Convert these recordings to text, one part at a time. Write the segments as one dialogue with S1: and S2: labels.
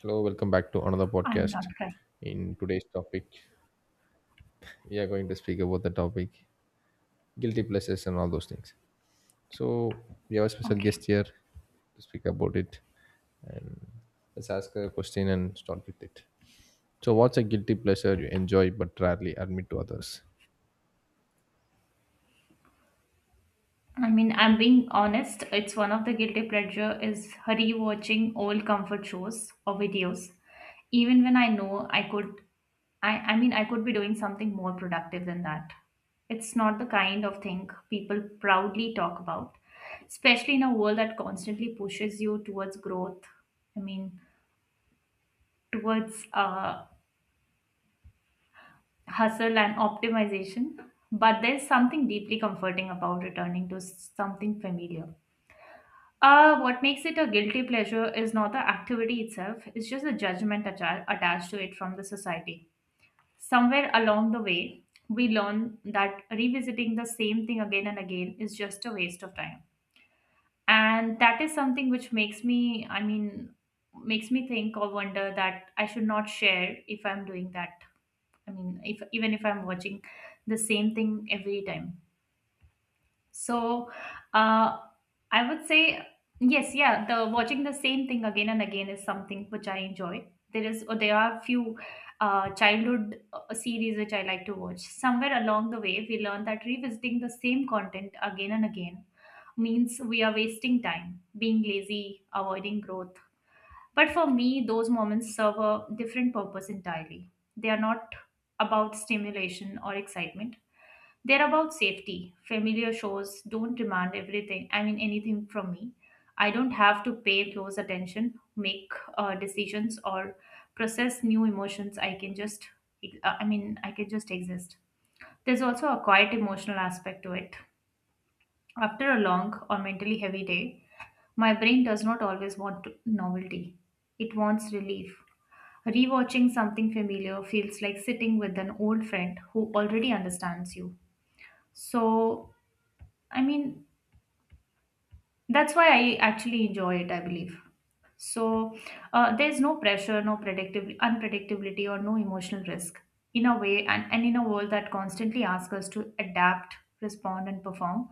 S1: Hello, welcome back to another
S2: I'm not
S1: podcast.
S2: crying.
S1: In today's topic, we are going to speak about the topic guilty pleasures and all those things. So, we have a special guest
S2: Okay.
S1: here to speak about it. And let's ask her a question and start with it. So, what's a guilty pleasure you enjoy but rarely admit to others?
S2: I'm being honest. It's one of the guilty pleasure is rewatching old comfort shows or videos, even when I know I could. I could be doing something more productive than that. It's not the kind of thing people proudly talk about, especially in a world that constantly pushes you towards growth. I mean, towards hustle and optimization. But there's something deeply comforting about returning to something familiar. What makes it a guilty pleasure is not the activity itself, it's just the judgment attached to it from the society. Somewhere along the way, we learn that revisiting the same thing again and again is just a waste of time. And that is something which makes me, I mean, makes me think or wonder that I should not share if I'm doing that. I mean, if even if I'm watching the same thing every time. So, uh, I would say yes, yeah. The watching the same thing again and again is something which I enjoy. There is, or there are few childhood series which I like to watch. Somewhere along the way, we learned that revisiting the same content again and again means we are wasting time, being lazy, avoiding growth. But for me, those moments serve a different purpose entirely. They are not about stimulation or excitement, they're about safety. Familiar shows don't demand everything, I mean, anything from me. I don't have to pay close attention, make decisions, or process new emotions. I can just, I can just exist. There's also a quiet emotional aspect to it. After a long or mentally heavy day, my brain does not always want novelty, it wants relief. Rewatching something familiar feels like sitting with an old friend who already understands you. So, I mean, that's why I actually enjoy it, I believe. So there's no pressure, no predictability, unpredictability, or no emotional risk in a way, and in a world that constantly asks us to adapt, respond, and perform.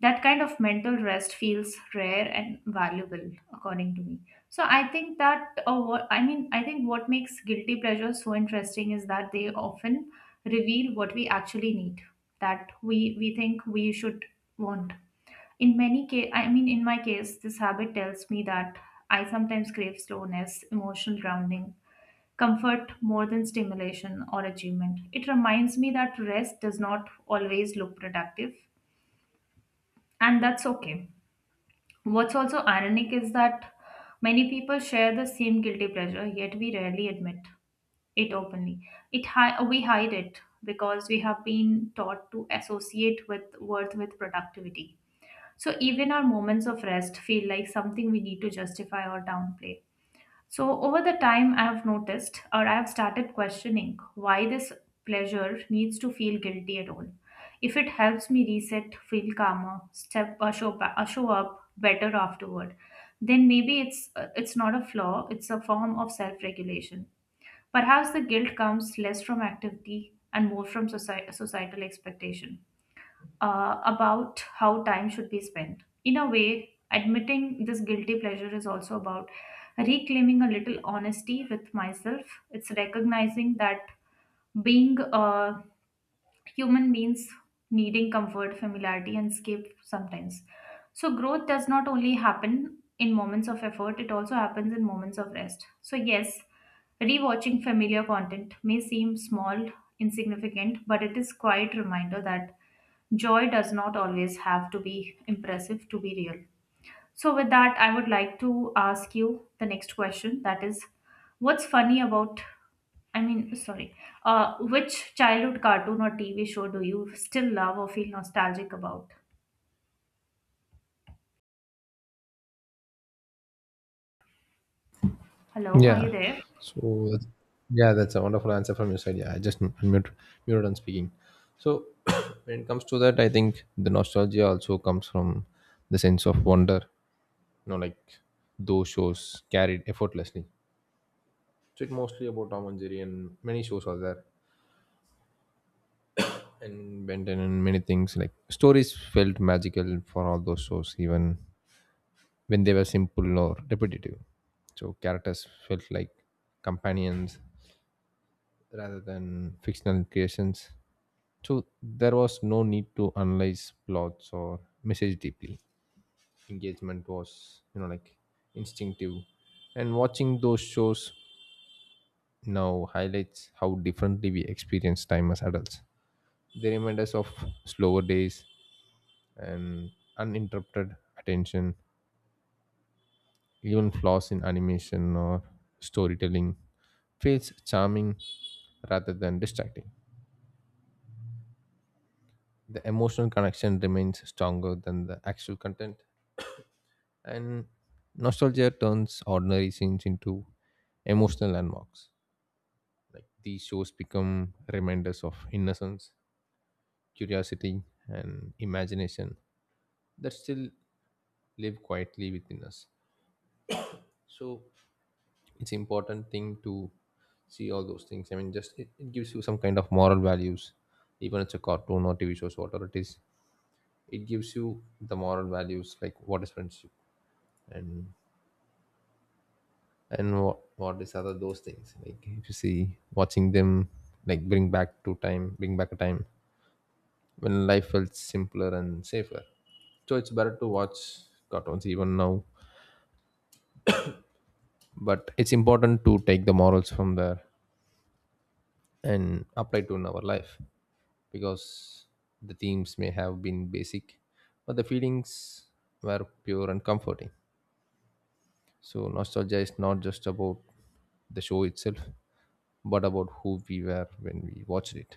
S2: That kind of mental rest feels rare and valuable, according to me. So I think that, what, I mean, I think what makes guilty pleasures so interesting is that they often reveal what we actually need, that we think we should want in many case. In my case, this habit tells me that I sometimes crave slowness, emotional grounding, comfort more than stimulation or achievement. It reminds me that rest does not always look productive, and that's okay. What's also ironic is that many people share the same guilty pleasure, yet we rarely admit it openly. We hide it because we have been taught to associate with worth with productivity. So even our moments of rest feel like something we need to justify or downplay. So over the time, I have noticed or I have started questioning why this pleasure needs to feel guilty at all. If it helps me reset, feel calmer, step or show, ba- or show up better afterward, then maybe it's not a flaw. It's a form of self-regulation. Perhaps the guilt comes less from activity and more from societal expectation about how time should be spent. In a way, admitting this guilty pleasure is also about reclaiming a little honesty with myself. It's recognizing that being a human means needing comfort, familiarity, and escape sometimes. So, growth does not only happen in moments of effort, it also happens in moments of rest. So, yes, rewatching familiar content may seem small, insignificant, but it is quite reminder that joy does not always have to be impressive to be real. So, with that, I would like to ask you the next question that is, what's funny about, I mean, sorry, which childhood cartoon or TV show do you still love or feel nostalgic about? Hello, are you
S1: Yeah.
S2: there?
S1: So, that's, yeah, that's a wonderful answer from your side. Yeah, I just muted on speaking. So, when it comes to that, I think the nostalgia also comes from the sense of wonder, you know, like those shows carried effortlessly. So it's mostly about Tom and Jerry, and many shows are there, and Benton and many things like stories felt magical for all those shows, even when they were simple or repetitive. So characters felt like companions rather than fictional creations. So there was no need to analyze plots or message deeply. Engagement was, you know, like instinctive. And watching those shows now highlights how differently we experience time as adults. They remind us of slower days and uninterrupted attention, even flaws in animation or storytelling feels charming rather than distracting. The emotional connection remains stronger than the actual content, and nostalgia turns ordinary scenes into emotional landmarks. Like these shows become reminders of innocence, curiosity, and imagination that still live quietly within us. So it's important thing to see all those things. I mean, just it gives you some kind of moral values, even it's a cartoon or TV shows, whatever it is. It gives you the moral values like what is friendship and and what is other those things. Like if you see watching them, like bring back to time, bring back a time when life felt simpler and safer, so it's better to watch cartoons even now, but it's important to take the morals from there and apply to in our life because the themes may have been basic but the feelings were pure and comforting. So nostalgia is not just about the show itself but about who we were when we watched it.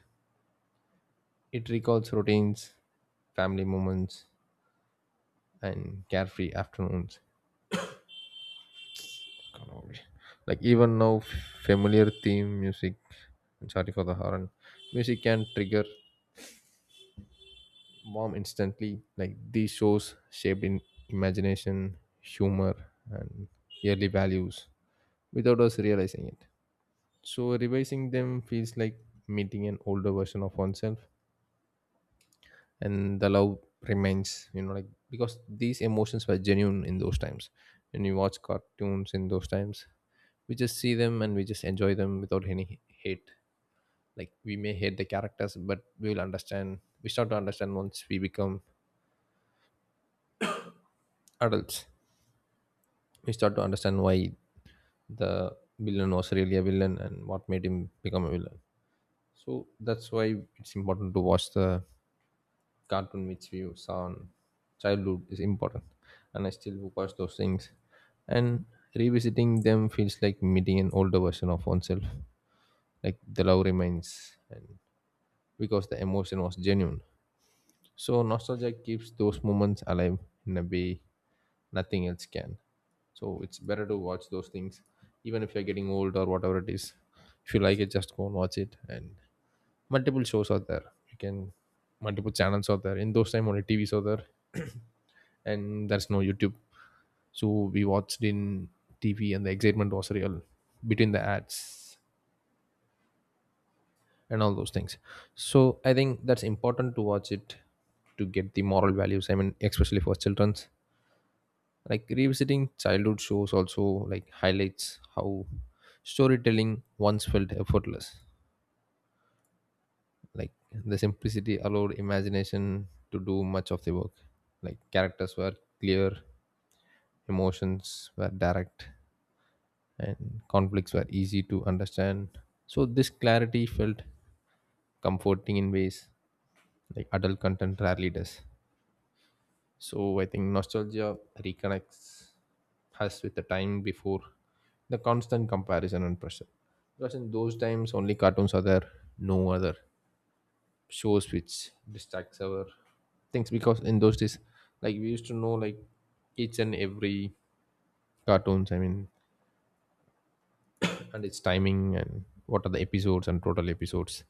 S1: It recalls routines, family moments, and carefree afternoons. Like even now, familiar theme music, I'm sorry for the horn, music can trigger warm instantly. Like these shows shaped in imagination, humor, and yearly values without us realizing it. So revising them feels like meeting an older version of oneself, and the love remains. You know, like because these emotions were genuine in those times. When you watch cartoons in those times, we just see them and we just enjoy them without any hate. Like we may hate the characters, but we will understand. We start to understand once we become adults. We start to understand why the villain was really a villain and what made him become a villain. So that's why it's important to watch the cartoon which we saw on childhood is important. And I still watch those things. And revisiting them feels like meeting an older version of oneself. Like the love remains and because the emotion was genuine. So nostalgia keeps those moments alive in a way nothing else can. So it's better to watch those things, even if you're getting old or whatever it is. If you like it, just go and watch it, and multiple shows are there. You can, multiple channels are there. In those time, only tvs are there. And there's no youtube, so we watched in tv and the excitement was real between the ads and all those things. So I think that's important to watch it to get the moral values, I mean especially for children. Like revisiting childhood shows also, like highlights how storytelling once felt effortless. Like the simplicity allowed imagination to do much of the work. Like characters were clear, emotions were direct, and conflicts were easy to understand. So this clarity felt comforting in ways like adult content rarely does. So I think nostalgia reconnects us with the time before the constant comparison and pressure. Because in those times only cartoons are there, no other shows which distracts our things, because in those days, like we used to know, like each and every cartoons, I mean, and its timing and what are the episodes and total episodes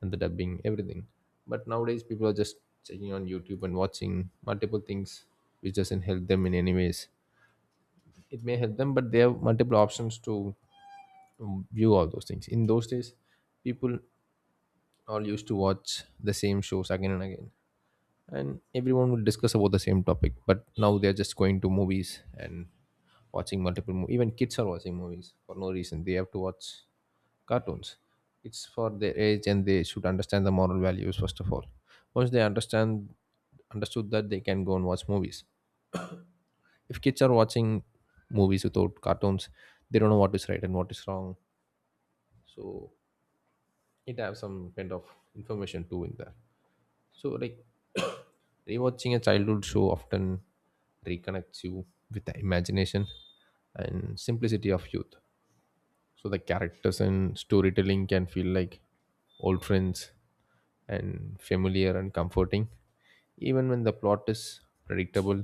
S1: and the dubbing, everything. But nowadays people are just checking on YouTube and watching multiple things which doesn't help them in any ways. It may help them, but they have multiple options to view all those things. In those days, people all used to watch the same shows again and again, and everyone would discuss about the same topic, but now they're just going to movies and watching multiple movies. Even kids are watching movies for no reason. They have to watch cartoons. It's for their age and they should understand the moral values first of all. Once they understand understood that, they can go and watch movies. If kids are watching movies without cartoons, they don't know what is right and what is wrong. So it have some kind of information too in there. So like rewatching a childhood show often reconnects you with the imagination and simplicity of youth. So the characters and storytelling can feel like old friends and familiar and comforting, even when the plot is predictable.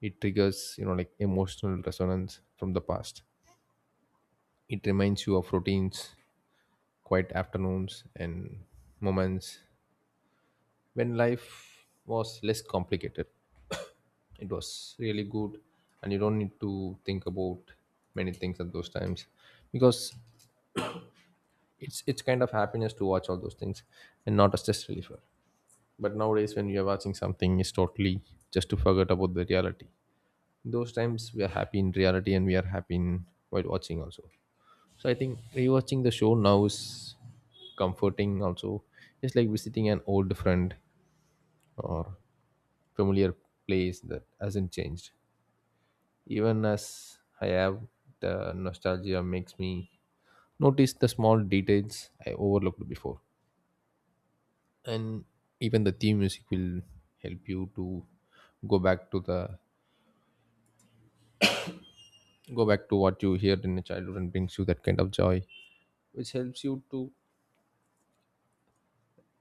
S1: It triggers, you know, like emotional resonance from the past. It reminds you of routines, quiet afternoons, and moments when life was less complicated. It was really good, and you don't need to think about many things at those times, because it's kind of happiness to watch all those things and not a stress reliever. But nowadays when you are watching something, it's totally just to forget about the reality. Those times we are happy in reality and we are happy in while watching also. So I think rewatching the show now is comforting also. It's like visiting an old friend or familiar place that hasn't changed. Even as I have, the nostalgia makes me notice the small details I overlooked before. And even the theme music will help you to go back to the go back to what you heard in your childhood and brings you that kind of joy, which helps you to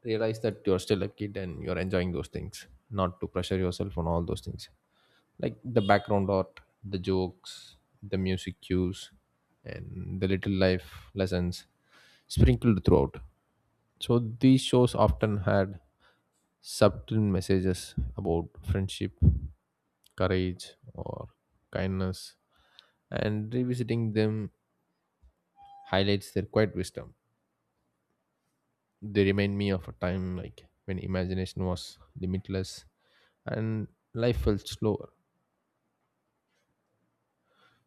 S1: realize that you're still a kid and you're enjoying those things, not to pressure yourself on all those things. Like the background art, the jokes, the music cues, and the little life lessons sprinkled throughout. So these shows often had subtle messages about friendship, courage, or kindness, and revisiting them highlights their quiet wisdom. They remind me of a time like when imagination was limitless and life felt slower.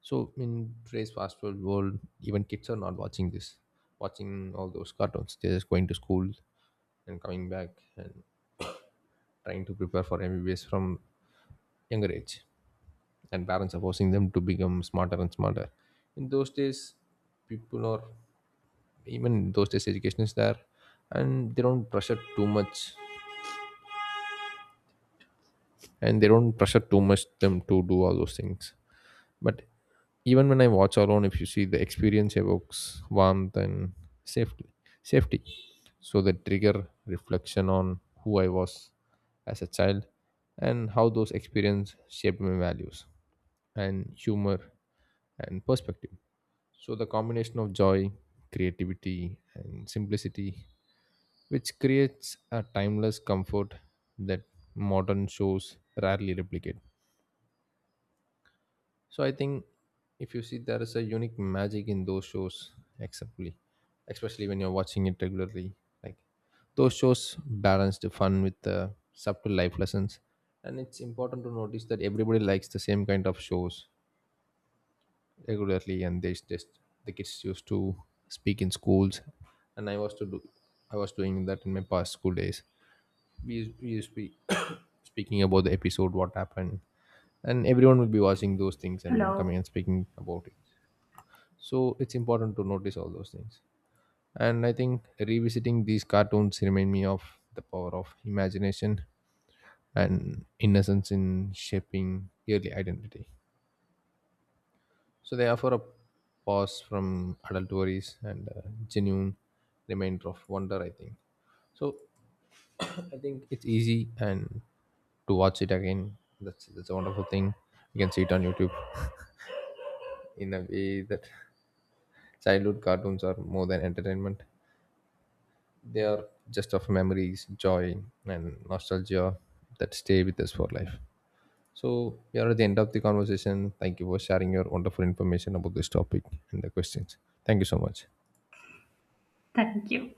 S1: So in today's fast food world, even kids are not watching watching all those cartoons. They're just going to school and coming back and trying to prepare for MBBS from younger age. And parents are forcing them to become smarter and smarter. In those days, people are even in those days education is there, and they don't pressure too much, them to do all those things. But even when I watch alone, if you see the experience evokes warmth and safety, safety. So they trigger reflection on who I was as a child and how those experiences shaped my values and humor and perspective. So the combination of joy, creativity, and simplicity, which creates a timeless comfort that modern shows rarely replicate. So I think if you see there is a unique magic in those shows, exceptly, especially when you're watching it regularly. Like those shows balance the fun with the subtle life lessons, and it's important to notice that everybody likes the same kind of shows regularly, and they just the kids used to speak in schools, and I was doing that in my past school days. We used to be speaking about the episode, what happened, and everyone will be watching those things and coming
S2: Hello,
S1: and speaking about it. So it's important to notice all those things. And I think revisiting these cartoons remind me of the power of imagination and innocence in shaping early identity. So they offer a pause from adult worries and a genuine remainder of wonder, I think. So I think it's easy and to watch it again. That's a wonderful thing. You can see it on youtube. In a way that childhood cartoons are more than entertainment. They are just of memories, joy, and nostalgia that stay with us for life. So, we are at the end of the conversation. Thank you for sharing your wonderful information about this topic and the questions. Thank you so much.
S2: thank you.